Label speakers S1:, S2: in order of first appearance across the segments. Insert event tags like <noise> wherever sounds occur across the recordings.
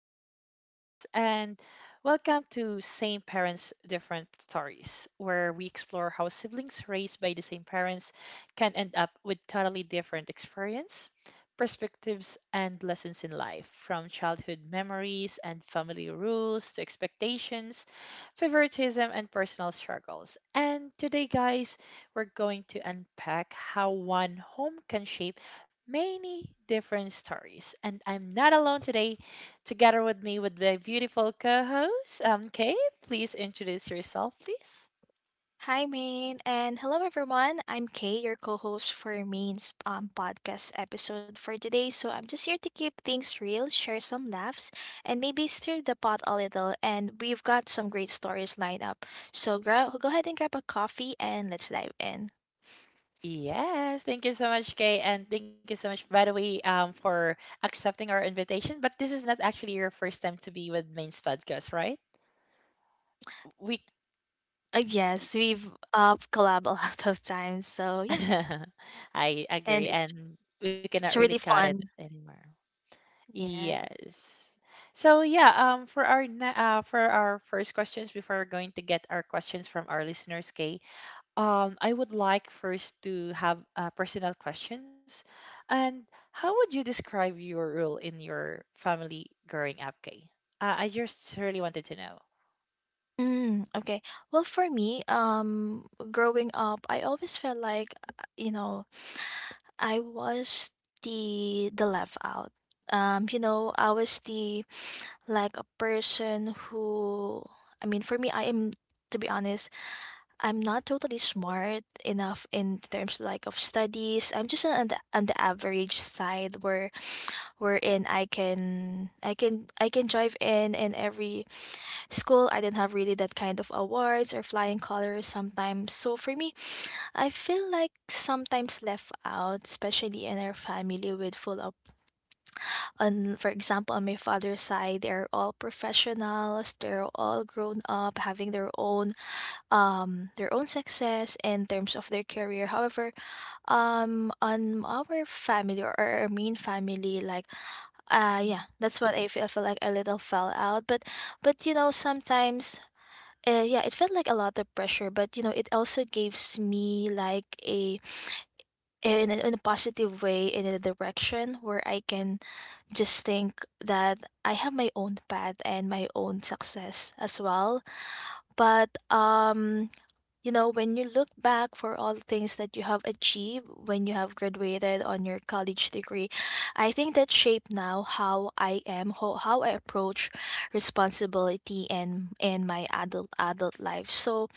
S1: And welcome to Same Parents, Different Stories, where we explore how siblings raised by the same parents can end up with totally different experience, perspectives, and lessons in life, from childhood memories and family rules to expectations, favoritism, and personal struggles. And today, guys, we're going to unpack how one home can shape many different stories. And I'm not alone today. Together with me, with my beautiful co host, Kay. Please introduce yourself, please.
S2: Hi, Maine, and hello, everyone. I'm Kay, your co-host for Maine's podcast episode for today. So I'm just here to keep things real, share some laughs, and maybe stir the pot a little. And we've got some great stories lined up. So go ahead and grab a coffee, and let's dive in.
S1: Yes, thank you so much, Kay, and thank you so much, by the way, for accepting our invitation. But this is not actually your first time to be with Main's podcast, right? We,
S2: Yes, we've collab a lot of times. So yeah,
S1: <laughs> I
S2: and
S1: agree, and we cannot
S2: it's
S1: really
S2: really
S1: cut it
S2: fun.
S1: anymore.
S2: Yes.
S1: Yes. So yeah, for our first questions, before we're going to get our questions from our listeners, Kay, I would like first to have personal questions. And how would you describe your role in your family growing up, Kay? I just really wanted to know.
S2: Mm, okay. Well, for me, growing up, I always felt like, you know, I was the left out. You know, I was the like a person who, I mean, for me, I am, to be honest, I'm not totally smart enough in terms like of studies. I'm just on the average side where wherein I can I can drive in and every school, I didn't have really that kind of awards or flying colors sometimes. So for me, I feel like sometimes left out, especially in our family with full of on for example on my father's side, they're all professionals, they're all grown up, having their own success in terms of their career. However, on our family or our main family, like yeah, that's what I feel like a little fell out. But you know, sometimes yeah, it felt like a lot of pressure, but you know, it also gives me like a in a, in a positive way in a direction where I can just think that I have my own path and my own success as well. But you know, when you look back for all the things that you have achieved when you have graduated on your college degree, I think that shape now how I am, how I approach responsibility and my adult life. So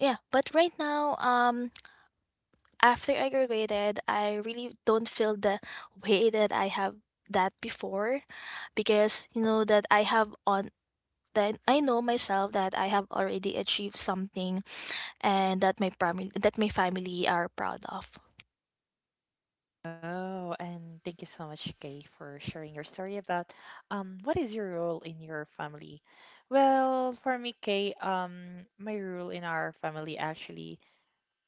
S2: yeah, but right now, after I graduated, I really don't feel the way that I have that before, because you know that I have on that I know myself that I have already achieved something and that my family are proud of.
S1: Oh, and thank you so much, Kay, for sharing your story about what is your role in your family? Well, for me, Kay, my role in our family actually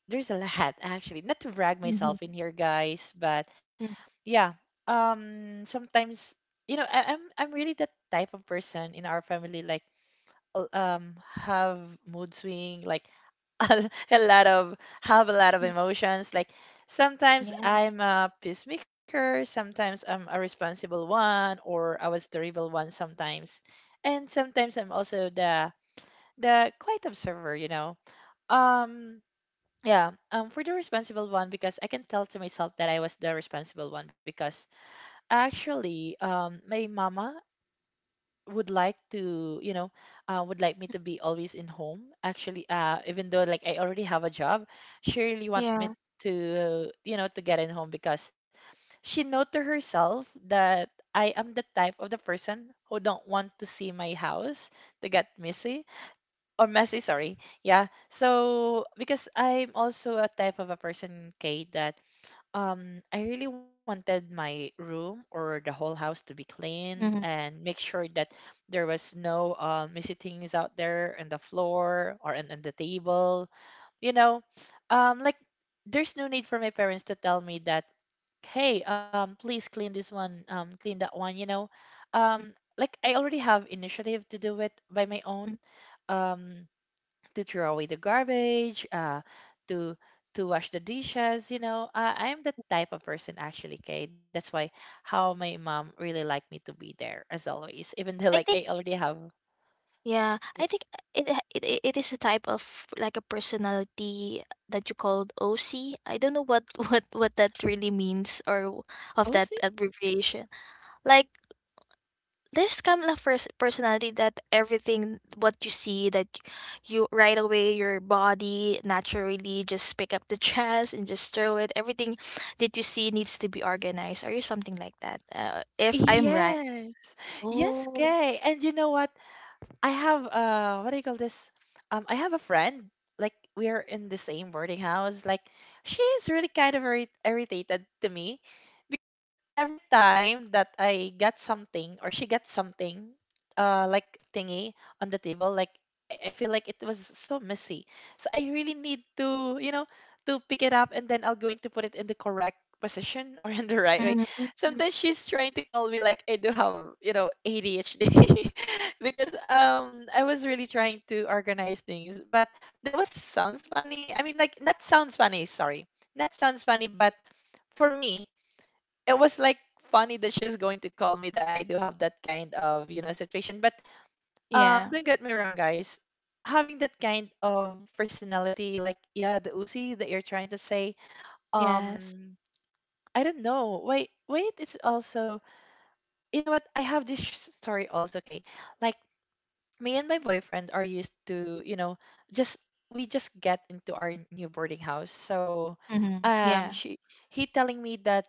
S1: there's a lot <laughs> actually. Not to brag myself
S2: Mhm.
S1: in here, guys, but
S2: Mm.
S1: yeah, sometimes you know, I'm really that type of person in our family like have mood swing like <laughs> a lot of have a lot of
S2: Mm.
S1: emotions. Like sometimes
S2: Yeah.
S1: I'm a peacemaker, sometimes I'm a responsible one, or I was the rebel one sometimes, and sometimes I'm also the quiet observer. You know, um. Yeah, for the responsible one because I can tell to myself that I was the responsible one because actually, my mama would like to you know would like me to be always in home actually even though like I already have a job, she really want me
S2: Yeah.
S1: to you know to get in home because she know to herself that I am the type of the person who don't want to see my house to get messy or messy, sorry. Yeah, so because I'm also a type of a person, Kate, that I really wanted my room or the whole house to be cleaned
S2: Yeah.
S1: and make sure that there was no messy things out there on the floor or on the table. You know, like there's no need for my parents to tell me that, hey, please clean this one, clean that one, you know. Um like I already have initiative to do it by my own. Um to throw away the garbage, to wash the dishes. You know, I'm the type of person actually, Kay. That's why how my mom really liked me to be there as always, <laughs> even though like I
S2: Hmm.
S1: already have.
S2: Yeah,
S1: Yeah.
S2: I think it it is a type of like a personality that you called OC. I don't know what <laughs> what that really means or
S1: Oh,
S2: of
S1: see.
S2: that abbreviation. Like there's kind of first personality that everything what you see that you right away your body naturally just pick up the <laughs> trash and just throw it. Everything that you see needs to be organized or something like that. If I'm right.
S1: Yes, yes,
S2: Oh.
S1: Kay. And you know what? I have what do you call this? I have a friend like we are in the same boarding house. Like she's really kind of irritated to me because every time that I get something or she gets something like thingy on the table like I feel like it was so messy. So I really need to, you know, to pick it up and then I'll going to put it in the correct position or <laughs> in the right way.
S2: Mhm.
S1: Sometimes she's trying to call me like I do have, you know, ADHD <laughs> because I was really trying to organize things, but that was sounds funny. I mean, like not sounds funny, sorry, not sounds funny, but for me it was like funny that she's going to call me that I do have that kind of you know situation. But
S2: Yeah.
S1: don't get me wrong, guys. Having that kind of personality, like yeah, the Uzi that you're trying to say,
S2: Yeah.
S1: um, I don't know. Wait, wait, it's also you know what? I have this story also, okay? Like me and my boyfriend are used to, you know, just we just get into our new boarding house. So,
S2: Mhm. Yeah.
S1: she he telling me that,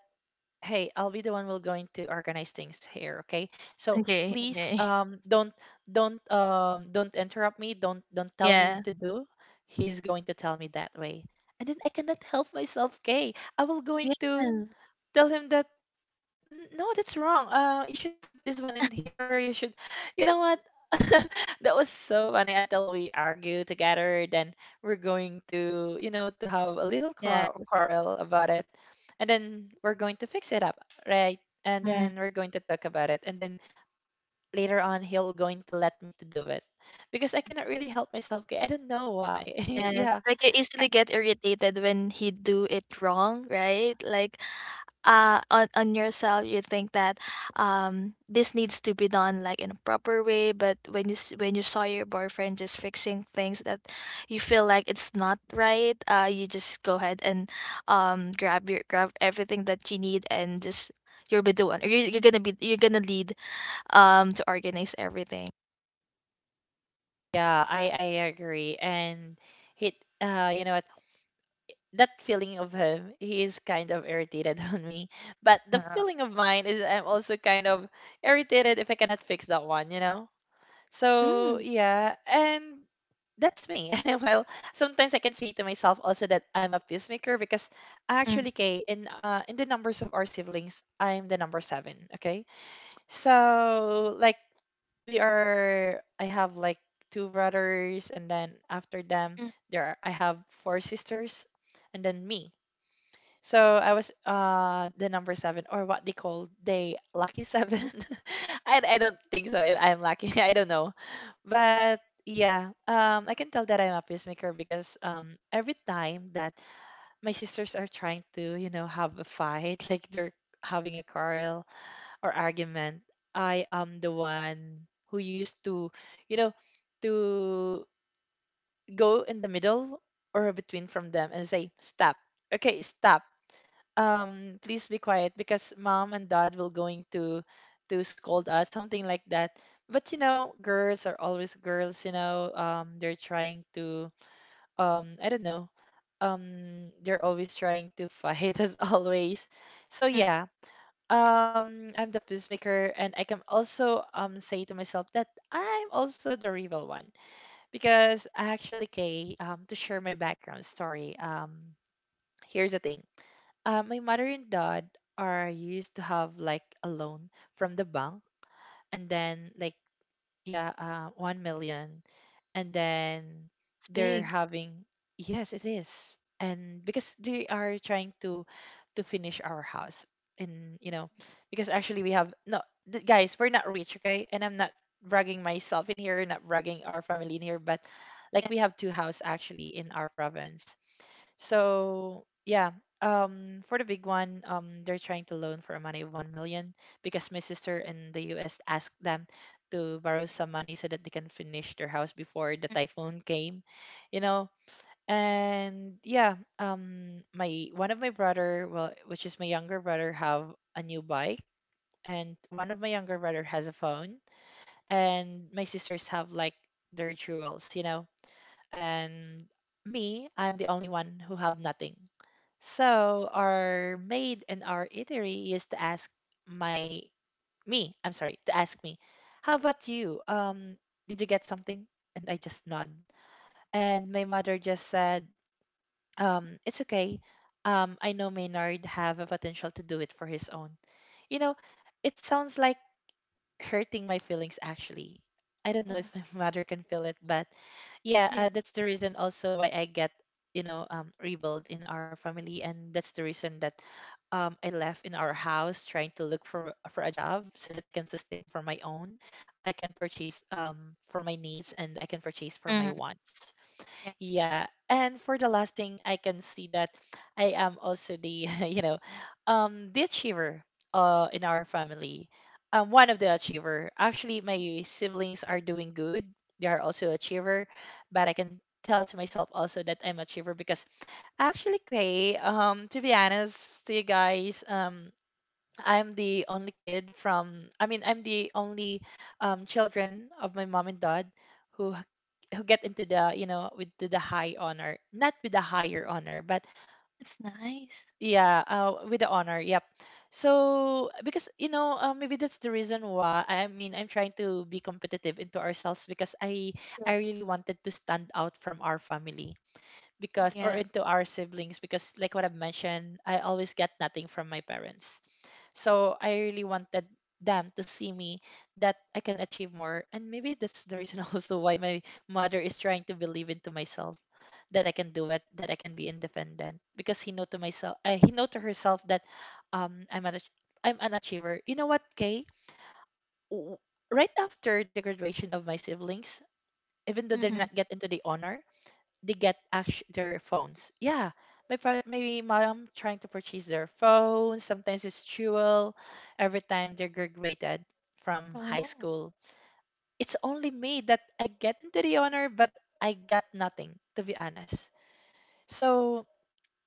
S1: hey, I'll be the one will going to organize things here, okay? So
S2: Okay,
S1: please,
S2: okay. <laughs>
S1: don't interrupt me. Don't tell me
S2: Yeah.
S1: what to do. He's going to tell me that way, and then I cannot help myself, okay? I will going to
S2: Yes.
S1: tell him that no, that's wrong. You should put this one in here. You should, you know what? <laughs> That was so funny until we argue together. Then we're going to, you know, to have a little
S2: Yes.
S1: quarrel about it, and then we're going to fix it up, right? And
S2: Mm.
S1: then we're going to talk about it, and then later on he'll going to let me to do it because I cannot really help myself. 'Kay? I don't know why. <laughs>
S2: Yes.
S1: Yeah,
S2: Like you easily get irritated when he do it wrong, right? Like on yourself you think that this needs to be done like in a proper way, but when you when you saw your boyfriend just fixing things that you feel like it's not right, you just go ahead and grab everything that you need and just you'll be the one. You're gonna be you're gonna lead to organize everything.
S1: I agree. And he, you know what? That feeling of him, he is kind of irritated <laughs> on me. But the
S2: Uh,
S1: feeling of mine is I'm also kind of irritated if I cannot fix that one, you know? So,
S2: mm,
S1: yeah. And that's me. <laughs> Well, sometimes I can say to myself also that I'm a peacemaker because
S2: mm,
S1: actually, Kay, in the numbers of our siblings, I'm the number seven. Okay, so like we are, I have like two brothers, and then after them,
S2: mm,
S1: I have four sisters, and then me. So I was the number seven or what they call they lucky seven. <laughs> I don't think so. I'm lucky. <laughs> I don't know, but yeah, I can tell that I'm a peacemaker because every time that my sisters are trying to you know have a fight, <laughs> like they're having a quarrel or argument, I am the one who used to you know to go in the middle or between from them and say stop. Okay, stop, please be quiet because mom and dad will going to scold us something like that. But you know, girls are always girls, you know, they're trying to I don't know, they're always trying to fight <laughs> as always. So
S2: mm.
S1: yeah, I'm the peacemaker and I can also say to myself that I'm also the rival one because actually, Kay, to share my background story. Here's the thing. My mother and dad are used to have like a loan from the bank, and then like yeah, 1 million, and then
S2: It's
S1: they're
S2: big.
S1: having yes, it is, and because they are trying to finish our house, and you know, because actually we have no guys, we're not rich, okay, and I'm not bragging myself in here, not bragging our family in here, but like
S2: Yeah.
S1: we have two house actually in our province, so yeah, for the big one, they're trying to loan for a money of 1 million because my sister in the U.S. asked them to borrow some money so that they can finish their house before the typhoon came, you know. And yeah, my one of my brother, well, which is my younger brother, have a new bike, and one of my younger brother has a phone, and my sisters have like their jewels, you know. And me, I'm the only one who have nothing, so our maid in our eatery used to ask my I'm sorry, to ask me, how about you? Did you get something? And I just nod. And my mother just said, it's okay. I know Maynard have a potential to do it for his own. You know, it sounds like hurting my feelings actually. I don't know
S2: Oh,
S1: if my <laughs> mother can feel it, but yeah,
S2: yeah.
S1: that's the reason also why I get, you know, rebelled in our family, and that's the reason that I left in our house trying to look for a job so that I can sustain for my own, I can purchase for my needs, and I can purchase for
S2: Mm,
S1: my wants.
S2: yeah.
S1: Yeah. And for the last thing, I can see that I am also the, <laughs> you know, the achiever in our family. I'm one of the achiever. Actually, my siblings are doing good. They are also achiever, but I can tell to myself also that I'm achiever because actually, Kay, to be honest to you guys, I'm the only kid from I mean I'm the only children of my mom and dad who h- who get into the with the high honor, not with the higher honor, but
S2: It's nice.
S1: yeah, with the honor, yep. So because maybe that's the reason why. I mean, I'm trying to be competitive into ourselves because I
S2: Yeah.
S1: I really wanted to stand out from our family, because or
S2: Yeah.
S1: into our siblings, because like what I've mentioned, I always get nothing from my parents. So I really wanted them to see me that I can achieve more. And maybe that's the reason <laughs> also why my mother is trying to believe into myself, that I can do it, that I can be independent. Because he know to myself, he know to herself that um, I'm an ach- I'm an achiever. You know what, Kay? W- Right after the graduation of my siblings, even though they're
S2: Mm-hmm.
S1: not get into the honor, they get actu their phones. Yeah, my mom trying to purchase their phone. Sometimes it's jewel. Every time they're graduated from high
S2: Oh.
S1: school, it's only me that I get into the honor, but I got nothing, to be honest. So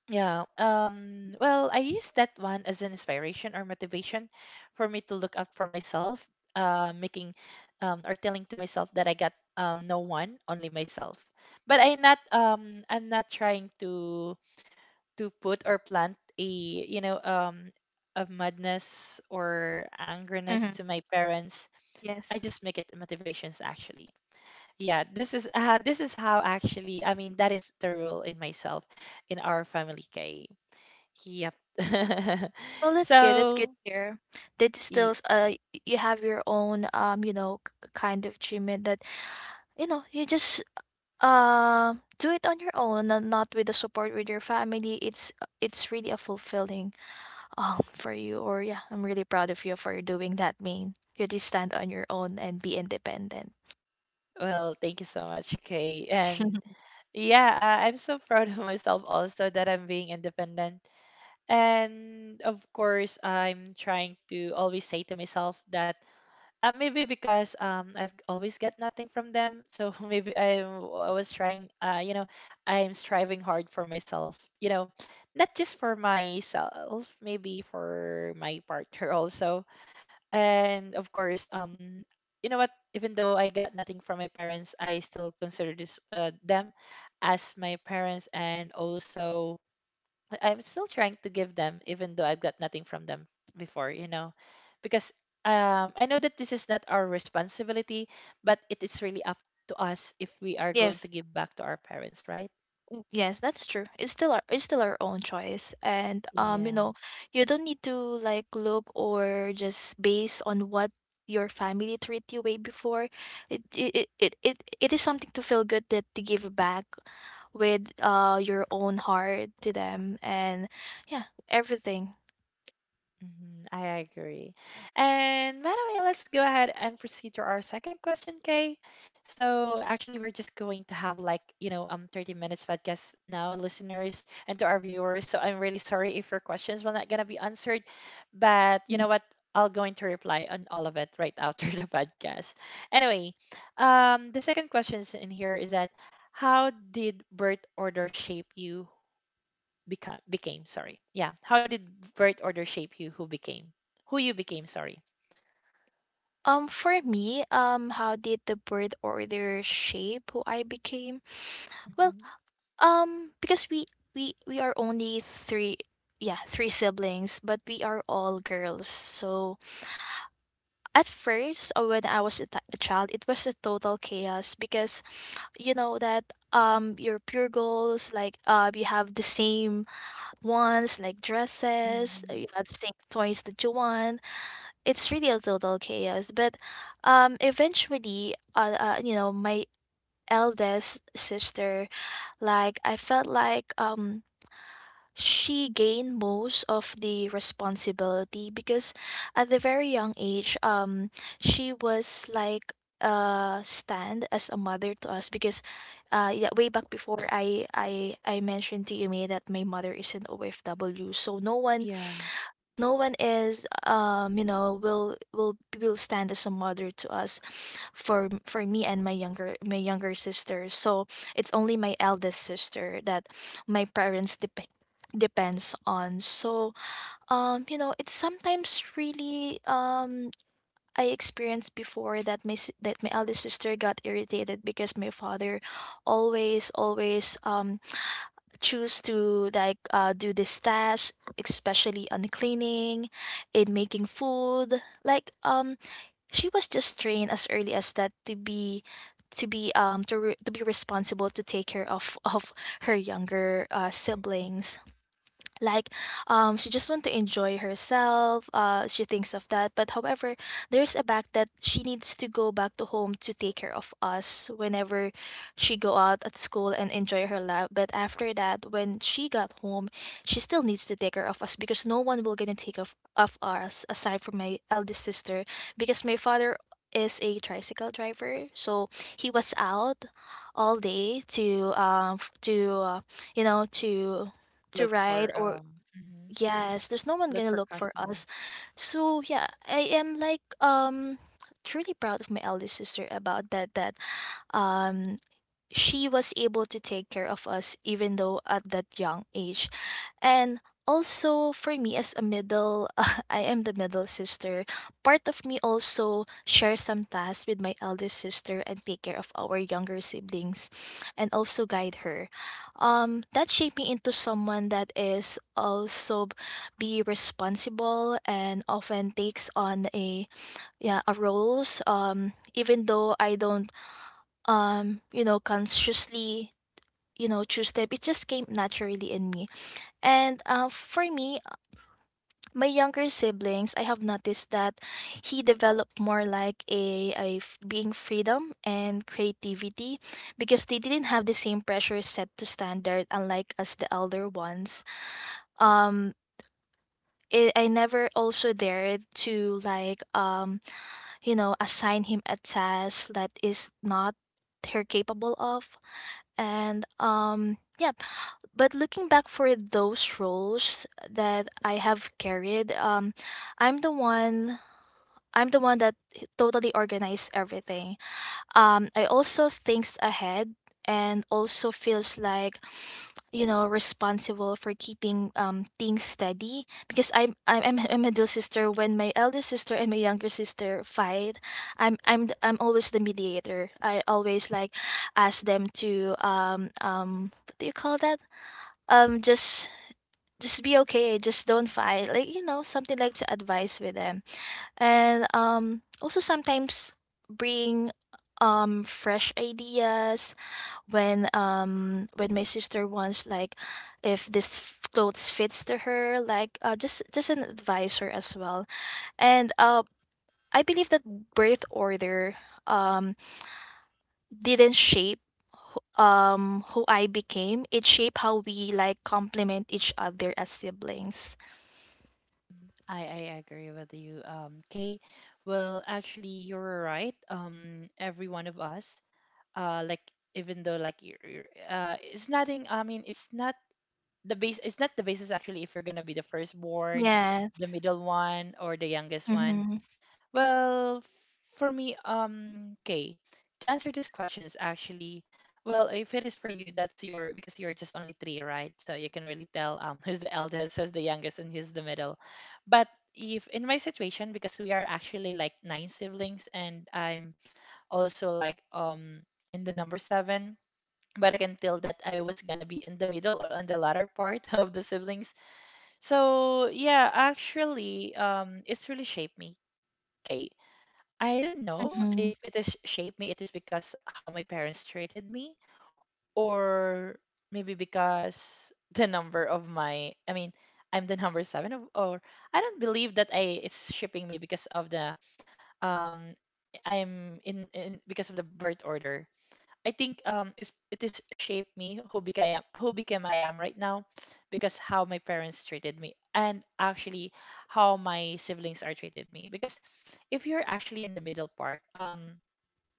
S1: yeah. Well, I use that one as an inspiration or motivation for me to look up for myself, making or telling to myself that I got no one, only myself. But I'm not trying to put or plant a a madness or angerness
S2: Mm-hmm.
S1: to my parents. I
S2: Yes.
S1: just make it motivations actually. Yeah, this is <laughs> this is how actually. I mean, that is the rule in myself, in our family, Kay. Yep.
S2: Well,
S1: <laughs>
S2: that's good. That's good
S1: So,
S2: here. That still,
S1: y-
S2: you have your own, you know, kind of treatment that, you know, you just do it on your own and not with the support with your family. It's really a fulfilling for you or yeah, I'm really proud of you for doing that, Main. You just stand on your own and be independent.
S1: well, thank you so much, Kay. And
S2: <laughs>
S1: yeah, I'm so proud of myself also that I'm being independent. And of course, I'm trying to always say to myself that maybe because I've always get nothing from them, so <laughs> maybe I was trying, I'm striving hard for myself, not just for myself, maybe for my partner <laughs> also. And of course, you know what, even though I got nothing from my parents, I still consider this them as my parents. And also, I'm still trying to give them, even though I've got nothing from them before, you know, because I know that this is not our responsibility, but it is really up to us if we are going to
S2: Yes.
S1: give back to our parents, right?
S2: Mm, yes, that's true. It's still our, it's still our own choice. And you
S1: Yeah.
S2: know, you don't need to like look or just base on what your family treat you way before. It it is something to feel good that to give back with your own heart to them, and yeah, everything.
S1: Mhm, I agree. And by the way, let's go ahead and proceed to our second question, Kay. So actually, we're just going to have like, 30 minutes podcast now, listeners and to our viewers. So I'm really sorry if your questions were not gonna be answered, but you know what? I'll going to reply on all of it right after <laughs> the podcast. Anyway, the second question in here is that, how did birth order shape you become became, sorry, yeah, how did birth order shape you who became, who you became, sorry.
S2: For me, how did the birth order shape who I became? Well,
S1: Mhm.
S2: because we are only three, yeah, three siblings, but we are all girls. So at first, when I was a, a child, it was a total chaos because you know that your pure goals like you have the same ones like dresses, you
S1: Mhm.
S2: have the same toys that you want, it's really a total chaos. But eventually you know, my eldest sister, like I felt like she gained most of the responsibility because at the very young age she was like stand as a mother to us because yeah, way back before I mentioned to you, May, that my mother is an OFW. So no one,
S1: Yeah.
S2: no one is you know, will stand as a mother to us for for me and my younger, my younger sister. So it's only my eldest sister that my parents depends on. So you know, it's sometimes really I experienced before that my that my eldest sister got irritated because my father always choose to like do this task, especially on cleaning, in making food. Like she was just trained as early as that to be to be to, to be responsible to take care of her younger
S1: Mm.
S2: siblings. Like she just want to enjoy herself. She thinks of that, but however, there's a fact that she needs to go back to home to take care of us whenever she go out at school and enjoy her life. But after that, when she got home, she still needs to take care of us because no one will gonna take of us aside from my eldest sister, because my father is a tricycle driver. So he was out all day to f to you know, to
S1: Look
S2: ride
S1: for
S2: or,
S1: mhm.
S2: yes, there's no one gonna
S1: Look for
S2: look for us.
S1: customer.
S2: So yeah, I am like truly proud of my eldest sister about that, that um she was able to take care of us even though at that young age. And also for me as a middle, <laughs> I am the middle sister. Part of me also shares some tasks with my elder sister and take care of our younger siblings and also guide her. That shaped me into someone that is also be responsible and often takes on a, yeah, a roles even though I don't you know, consciously, you know, choose them. It just came naturally in me. And for me, my younger siblings, I have noticed that he developed more like a, being freedom and creativity because they didn't have the same pressure set to standard unlike us the elder ones. um it, I never also dared to like you know, assign him a task that is not her capable of. And yep, but looking back for those roles that I have carried, i'm the one I'm the one that totally organized everything. I also thinks ahead and also feels like, you know, responsible for keeping things steady. Because I'm a middle sister, when my elder sister and my younger sister fight, I'm I'm always the mediator. I always like ask them to what do you call that, um just just be okay, just don't fight, like, you know, something like to advise with them. And also sometimes bring fresh ideas when my sister wants, like if this clothes fits to her, like just an advisor as well. And I believe that birth order um didn't shape who I became. It shaped how we like complement each other as siblings.
S1: I agree with you, Kay. Well, actually, you're right. Every one of us, like, even though like you're it's nothing. I mean, it's not the base. It's not the basis actually. If you're gonna be the firstborn, the
S2: Yes.
S1: middle one, or the youngest one,
S2: Mhm.
S1: well, for me, okay, to answer these questions, actually, well, if it is for you, that's your because you're just only three, right? So you can really tell <laughs> who's the eldest, who's the youngest, and who's the middle. But if in my situation, because we are actually like nine siblings, and I'm also like in the number seven. But I can tell that I was gonna be in the middle or on the latter part <laughs> of the siblings. So yeah, actually, it's really shaped me. Okay, I don't know
S2: Mhm.
S1: if it has shaped me. It is because how my parents treated me, or maybe because the number of my. I mean, I'm the <laughs> number seven, or I don't believe that I it's shaping me because of the um I'm in because of the birth order. I think it is shaped me who became I am right now, because how my parents treated me and actually how my siblings are treated me. Because if you're actually in the middle part,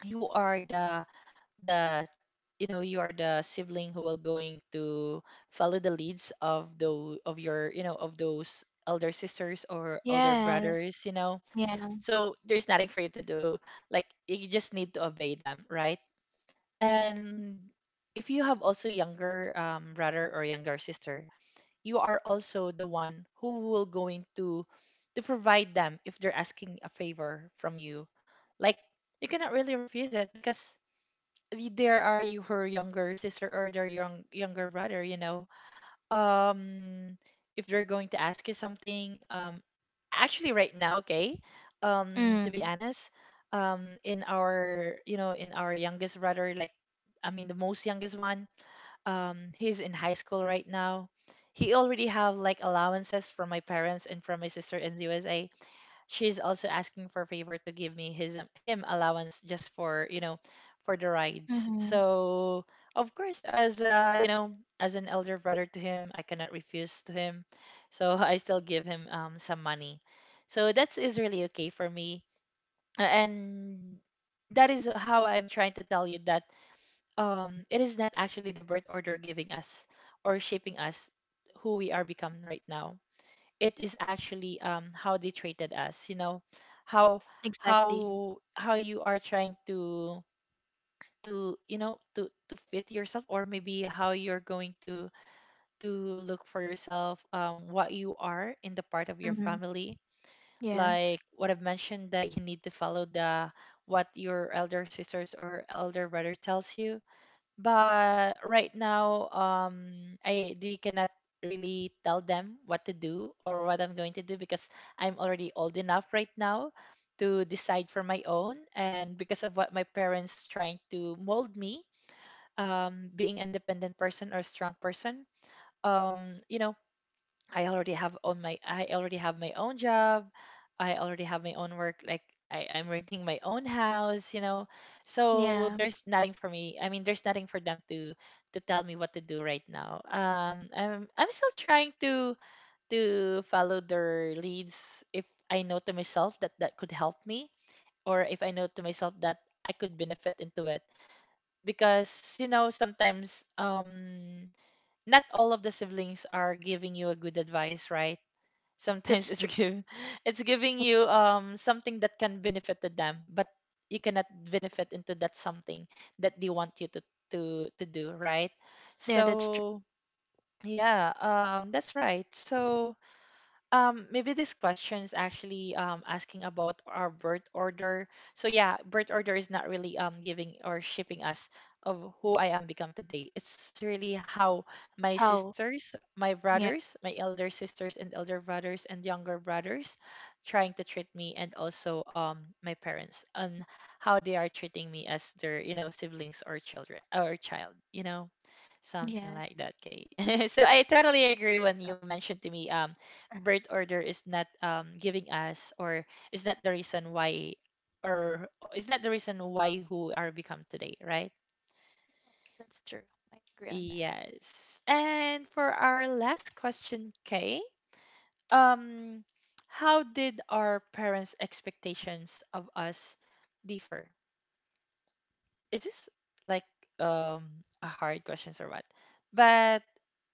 S1: you are the you are the sibling who will going to follow the leads of your, of those elder sisters or elder
S2: Yes.
S1: brothers,
S2: Yeah.
S1: so there's nothing for you to do, like you just need to obey them, right? And if you have also younger, brother or younger sister, you are also the one who will going to provide them if they're asking a favor from you. Like you cannot really refuse it because there are you her younger sister or their young younger brother. um if they're going to ask you something, actually right now, okay, to
S2: Mm.
S1: be honest, in our youngest brother, like, I mean, the most youngest one, he's in high school right now. He already have like allowances from my parents and from my sister in the USA. She's also asking for a favor to give me his, him allowance, just for you know for the rides.
S2: Mhm.
S1: So of course, as you know as an elder brother to him, I cannot refuse to him. So <laughs> I still give him some money. So that is really okay for me. And that is how I'm trying to tell you that it is not actually the birth order giving us or shaping us who we are become right now. It is actually how they treated us, you know, how
S2: Exactly.
S1: how you are trying to to fit yourself, or maybe how you're going to look for yourself, what you are in the part of your
S2: Mhm.
S1: family,
S2: Yes.
S1: like what I've mentioned, that you need to follow the what your elder sisters or elder brother tells you. But right now, I they cannot really tell them what to do or what I'm going to do because I'm already old enough right now to decide for my own, and because of what my parents trying to mold me, being an independent person or strong person. You know, I already have on my I already have my own job. I already have my own work. Like I'm renting my own house. So
S2: Yeah.
S1: there's nothing for me. I mean, there's nothing for them to tell me what to do right now. I'm still trying to follow their leads if I know to myself that that could help me, or if I know to myself that I could benefit into it. Because sometimes not all of the siblings are giving you a good advice, right? Sometimes
S2: That's
S1: it's
S2: true.
S1: give <laughs> it's giving you something that can benefit to them, but you cannot benefit into that something that they want you to do, right?
S2: Yeah, that's true.
S1: So yeah, that's right. So maybe this question is actually asking about our birth order. So yeah, birth order is not really giving or shaping us of who I am become today. It's really how my
S2: How?
S1: sisters, my
S2: Yeah.
S1: brothers, my elder sisters and elder brothers and younger brothers trying to treat me, and also my parents, and how they are treating me as their, siblings or children or child, something
S2: Yes.
S1: like that, Kay. <laughs> So I totally agree when
S2: Yeah.
S1: you mentioned to me
S2: Uh.
S1: birth order is not, giving us, or is not the reason why, or is not the reason why who are become today, right?
S2: That's true. I agree on that.
S1: Yes. And for our last question, Kay, um how did our parents expectations of us differ? Is this like, um a hard questions, or what? But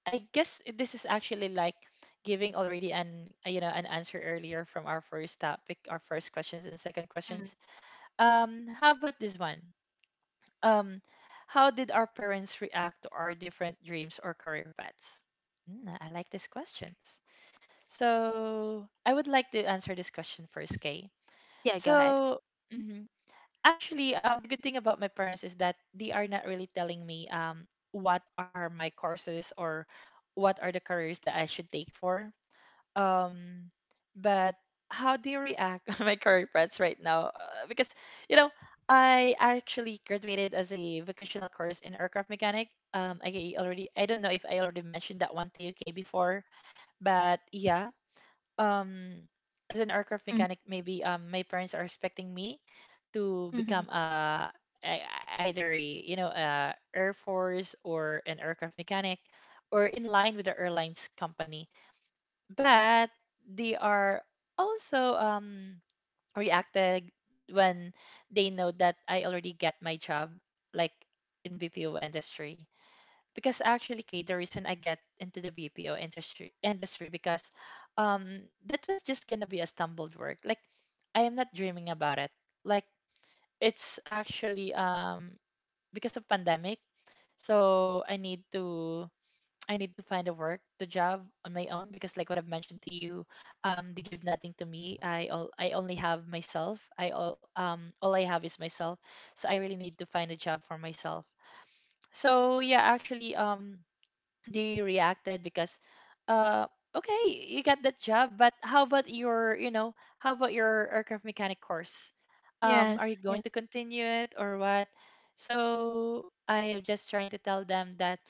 S1: I guess this is actually like giving already an an answer earlier from our first topic, our first questions and second
S2: Mm.
S1: questions. How about this one? Um, how did our parents react to our different dreams or career paths? I like these questions. So I would like to answer this question first, Kay.
S2: Yeah. Go ahead.
S1: So. Mm-hmm. Actually, the good thing about my parents is that they are not really telling me what are my courses or what are the careers that I should take for. Um, but how do you react <laughs> my career paths right now? Because you know, I actually graduated as a vocational course in aircraft mechanic. I don't know if I already mentioned that one to UK before, but yeah, um as an aircraft
S2: Mm.
S1: mechanic, maybe my parents are expecting me to
S2: Mhm.
S1: become a ei- either a, a air force or an aircraft mechanic, or in line with the airlines company. But they are also reacted when they know that I already get my job, like in BPO industry. Because actually, Kate, the reason I get into the BPO industry because, um that was just gonna be a stumbled work. Like, I am not dreaming about it. Like, it's actually because of pandemic, so I need to find a work, the job on my own, because like what I've mentioned to you, they give nothing to me. I only have myself. I all I have is myself. So I really need to find a job for myself. So yeah, actually, they reacted because, uh okay, you got that job, but how about your, you know, how about your aircraft mechanic course, are
S2: Yes.
S1: you going to
S2: Yes.
S1: continue it or what? So I am just trying to tell them that,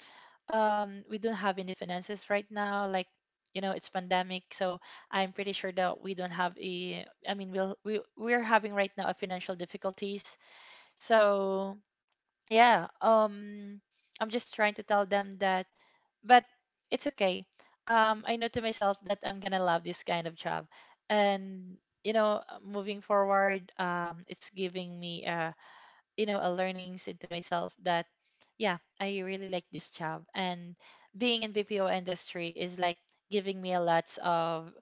S1: we don't have any finances right now, like, you know, it's pandemic. So I'm pretty sure that we don't have a, I mean, we're having right now a financial difficulties. So yeah, I'm just trying to tell them that, but it's okay. I know to myself that I'm gonna love this kind of job, and you know, moving forward, it's giving me a, you know, a learnings into myself, that yeah, I really like this job. And being in BPO industry is like giving me a lots of,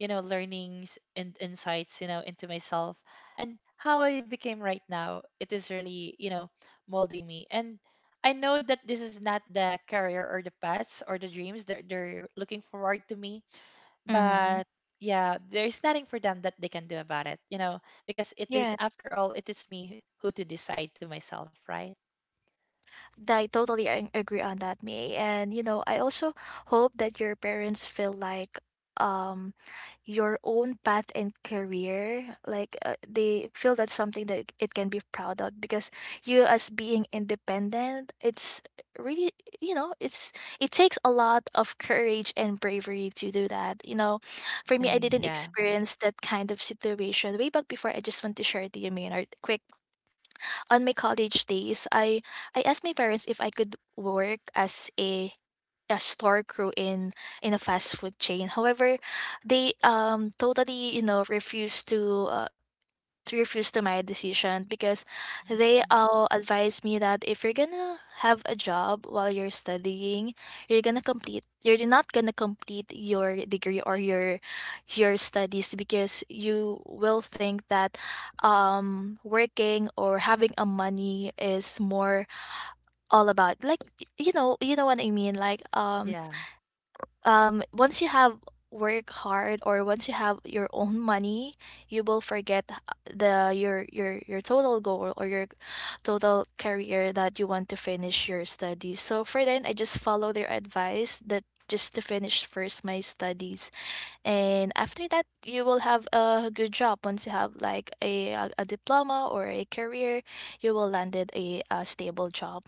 S1: you know, learnings and insights, you know, into myself. And how I became right now, it is really, you know, molding me. And I know that this is not the career or the paths or the dreams that they're looking forward to me,
S2: Mhm.
S1: but yeah, there's nothing for them that they can do about it, you know, because it
S2: Yeah,
S1: is, after all, it is me who to decide to myself, right?
S2: I totally agree on that, May. And you know, I also hope that your parents feel like um your own path and career like they feel that's something that it can be proud of, because you as being independent, it's really, you know, it's, it takes a lot of courage and bravery to do that, you know. For me, I
S1: I,
S2: didn't
S1: yeah.
S2: experience that kind of situation way back before. I just want to share it to you, Maynard, quick. On my college days, I asked my parents if I could work as a store crew in a fast food chain. However, they totally refused to refuse to my decision because they
S1: Mm.
S2: all advised me that if you're gonna have a job while you're studying, you're not gonna complete your degree or your studies because you will think that working or having a money is more all about like you know what I mean like
S1: Yeah,
S2: once you have work hard or once you have your own money you will forget h- the your total goal or your total career that you want to finish your studies. So for then I just follow their advice that just to finish first my studies, and after that you will have a good job. Once you have like a diploma or a career, you will landed a stable job.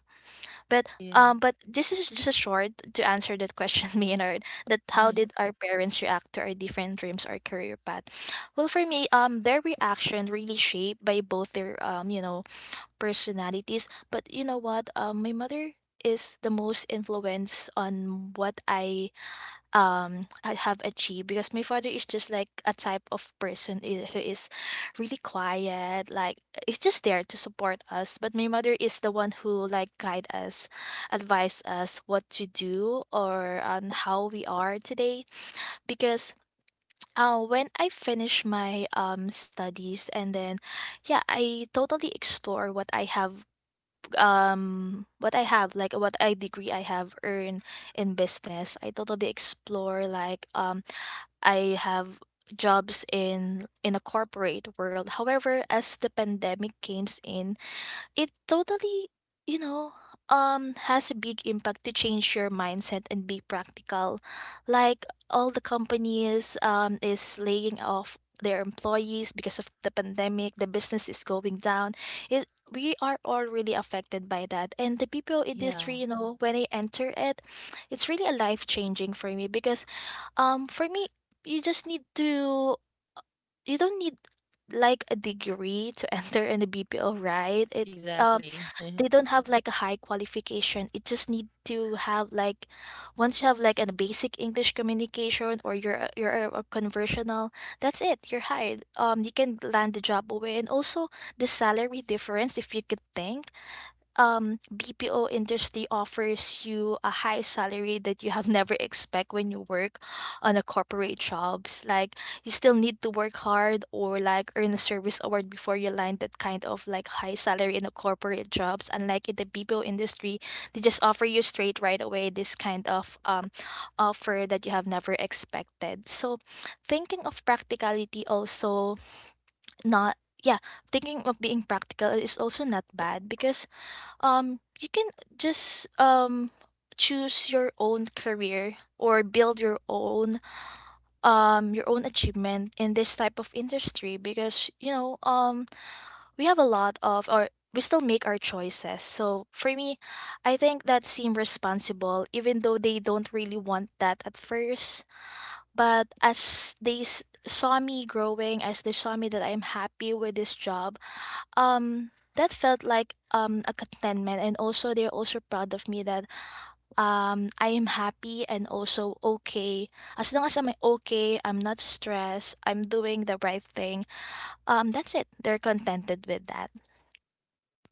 S2: but
S1: yeah.
S2: um, but this is just a short to answer that question, <laughs> Maynard. That how
S1: Hmm.
S2: did our parents react to our different dreams or career path? Well, for me, their reaction really shaped by both their personalities. But you know what? My mother is the most influence on what I have achieved, because my father is just like a type of person who is really quiet, like it's just there to support us. But my mother is the one who like guide us, advise us what to do or on how we are today. Because when I finish my studies and then yeah, I totally explore what I have, what I have like what I degree I have earned in business. I totally explore like I have jobs in a corporate world. However, as the pandemic came in, it totally, you know, has a big impact to change your mindset and be practical. Like all the companies is laying off their employees because of the pandemic, the business is going down. It we are all really affected by that. And the BPO
S1: Yeah,
S2: industry, you know, when I enter it, it's really a life changing for me. Because for me, you just need to you don't need like a degree to <laughs> enter in the BPO, right? It
S1: exactly.
S2: they don't have like a high qualification. It just need to have like, once you have like a basic English communication, or you're a conversational, that's it. You're hired. You can land the job away. And also the salary difference, if you could think, BPO industry offers you a high salary that you have never expect when you work on a corporate jobs. Like you still need to work hard or like earn a service award before you land that kind of like high salary in a corporate jobs, unlike in the BPO industry. They just offer you straight right away this kind of offer that you have never expected. So thinking of practicality also not, yeah, thinking of being practical is also not bad. Because you can just choose your own career or build your own achievement in this type of industry. Because you know we have a lot of, or we still make our choices. So for me, I think that seem responsible, even though they don't really want that at first. But as they saw me growing, as they saw me that I'm happy with this job, um that felt like a contentment, and also they're also proud of me that I am happy and also okay. As long as I'm okay, I'm not stressed, I'm doing the right thing, that's it. They're contented with that.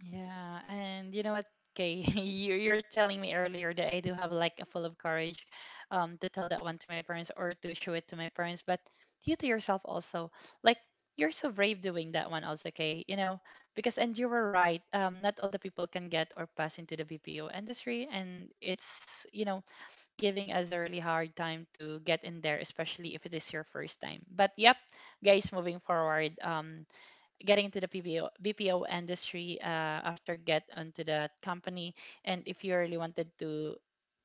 S1: Yeah, and you know what, Kay, <laughs> you're telling me earlier that I do have like a full of courage, to tell that one to my parents or to show it to my parents, but you to yourself also, like, you're so brave doing that one also, Kay. You know, because, and you were right. Not all the people can get or pass into the BPO industry, and it's, you know, giving us a really hard time to get in there, especially if it is your first time. But yep, guys, moving forward. Getting into the PBO, BPO industry, after get onto that company, and if you really wanted to,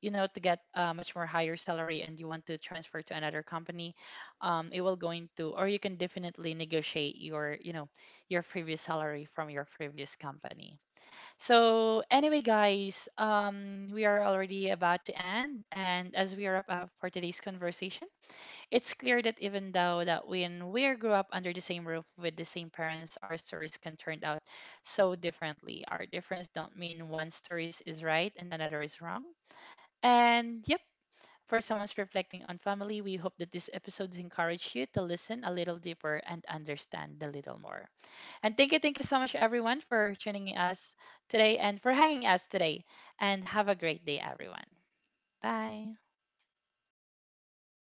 S1: you know, to get a much more higher salary and you want to transfer to another company, it will go into, or you can definitely negotiate your, you know, your previous salary from your previous company. So anyway, guys, we are already about to end, and as we wrap up for today's conversation. It's clear that even though that when we grew up under the same roof with the same parents, our stories can turn out so differently. Our difference don't mean one story is right and another is wrong. And yep, for someone's reflecting on family, we hope that this episode encourage you to listen a little deeper and understand a little more. And thank you so much everyone for tuning us today and for hanging us today. And have a great day, everyone. Bye.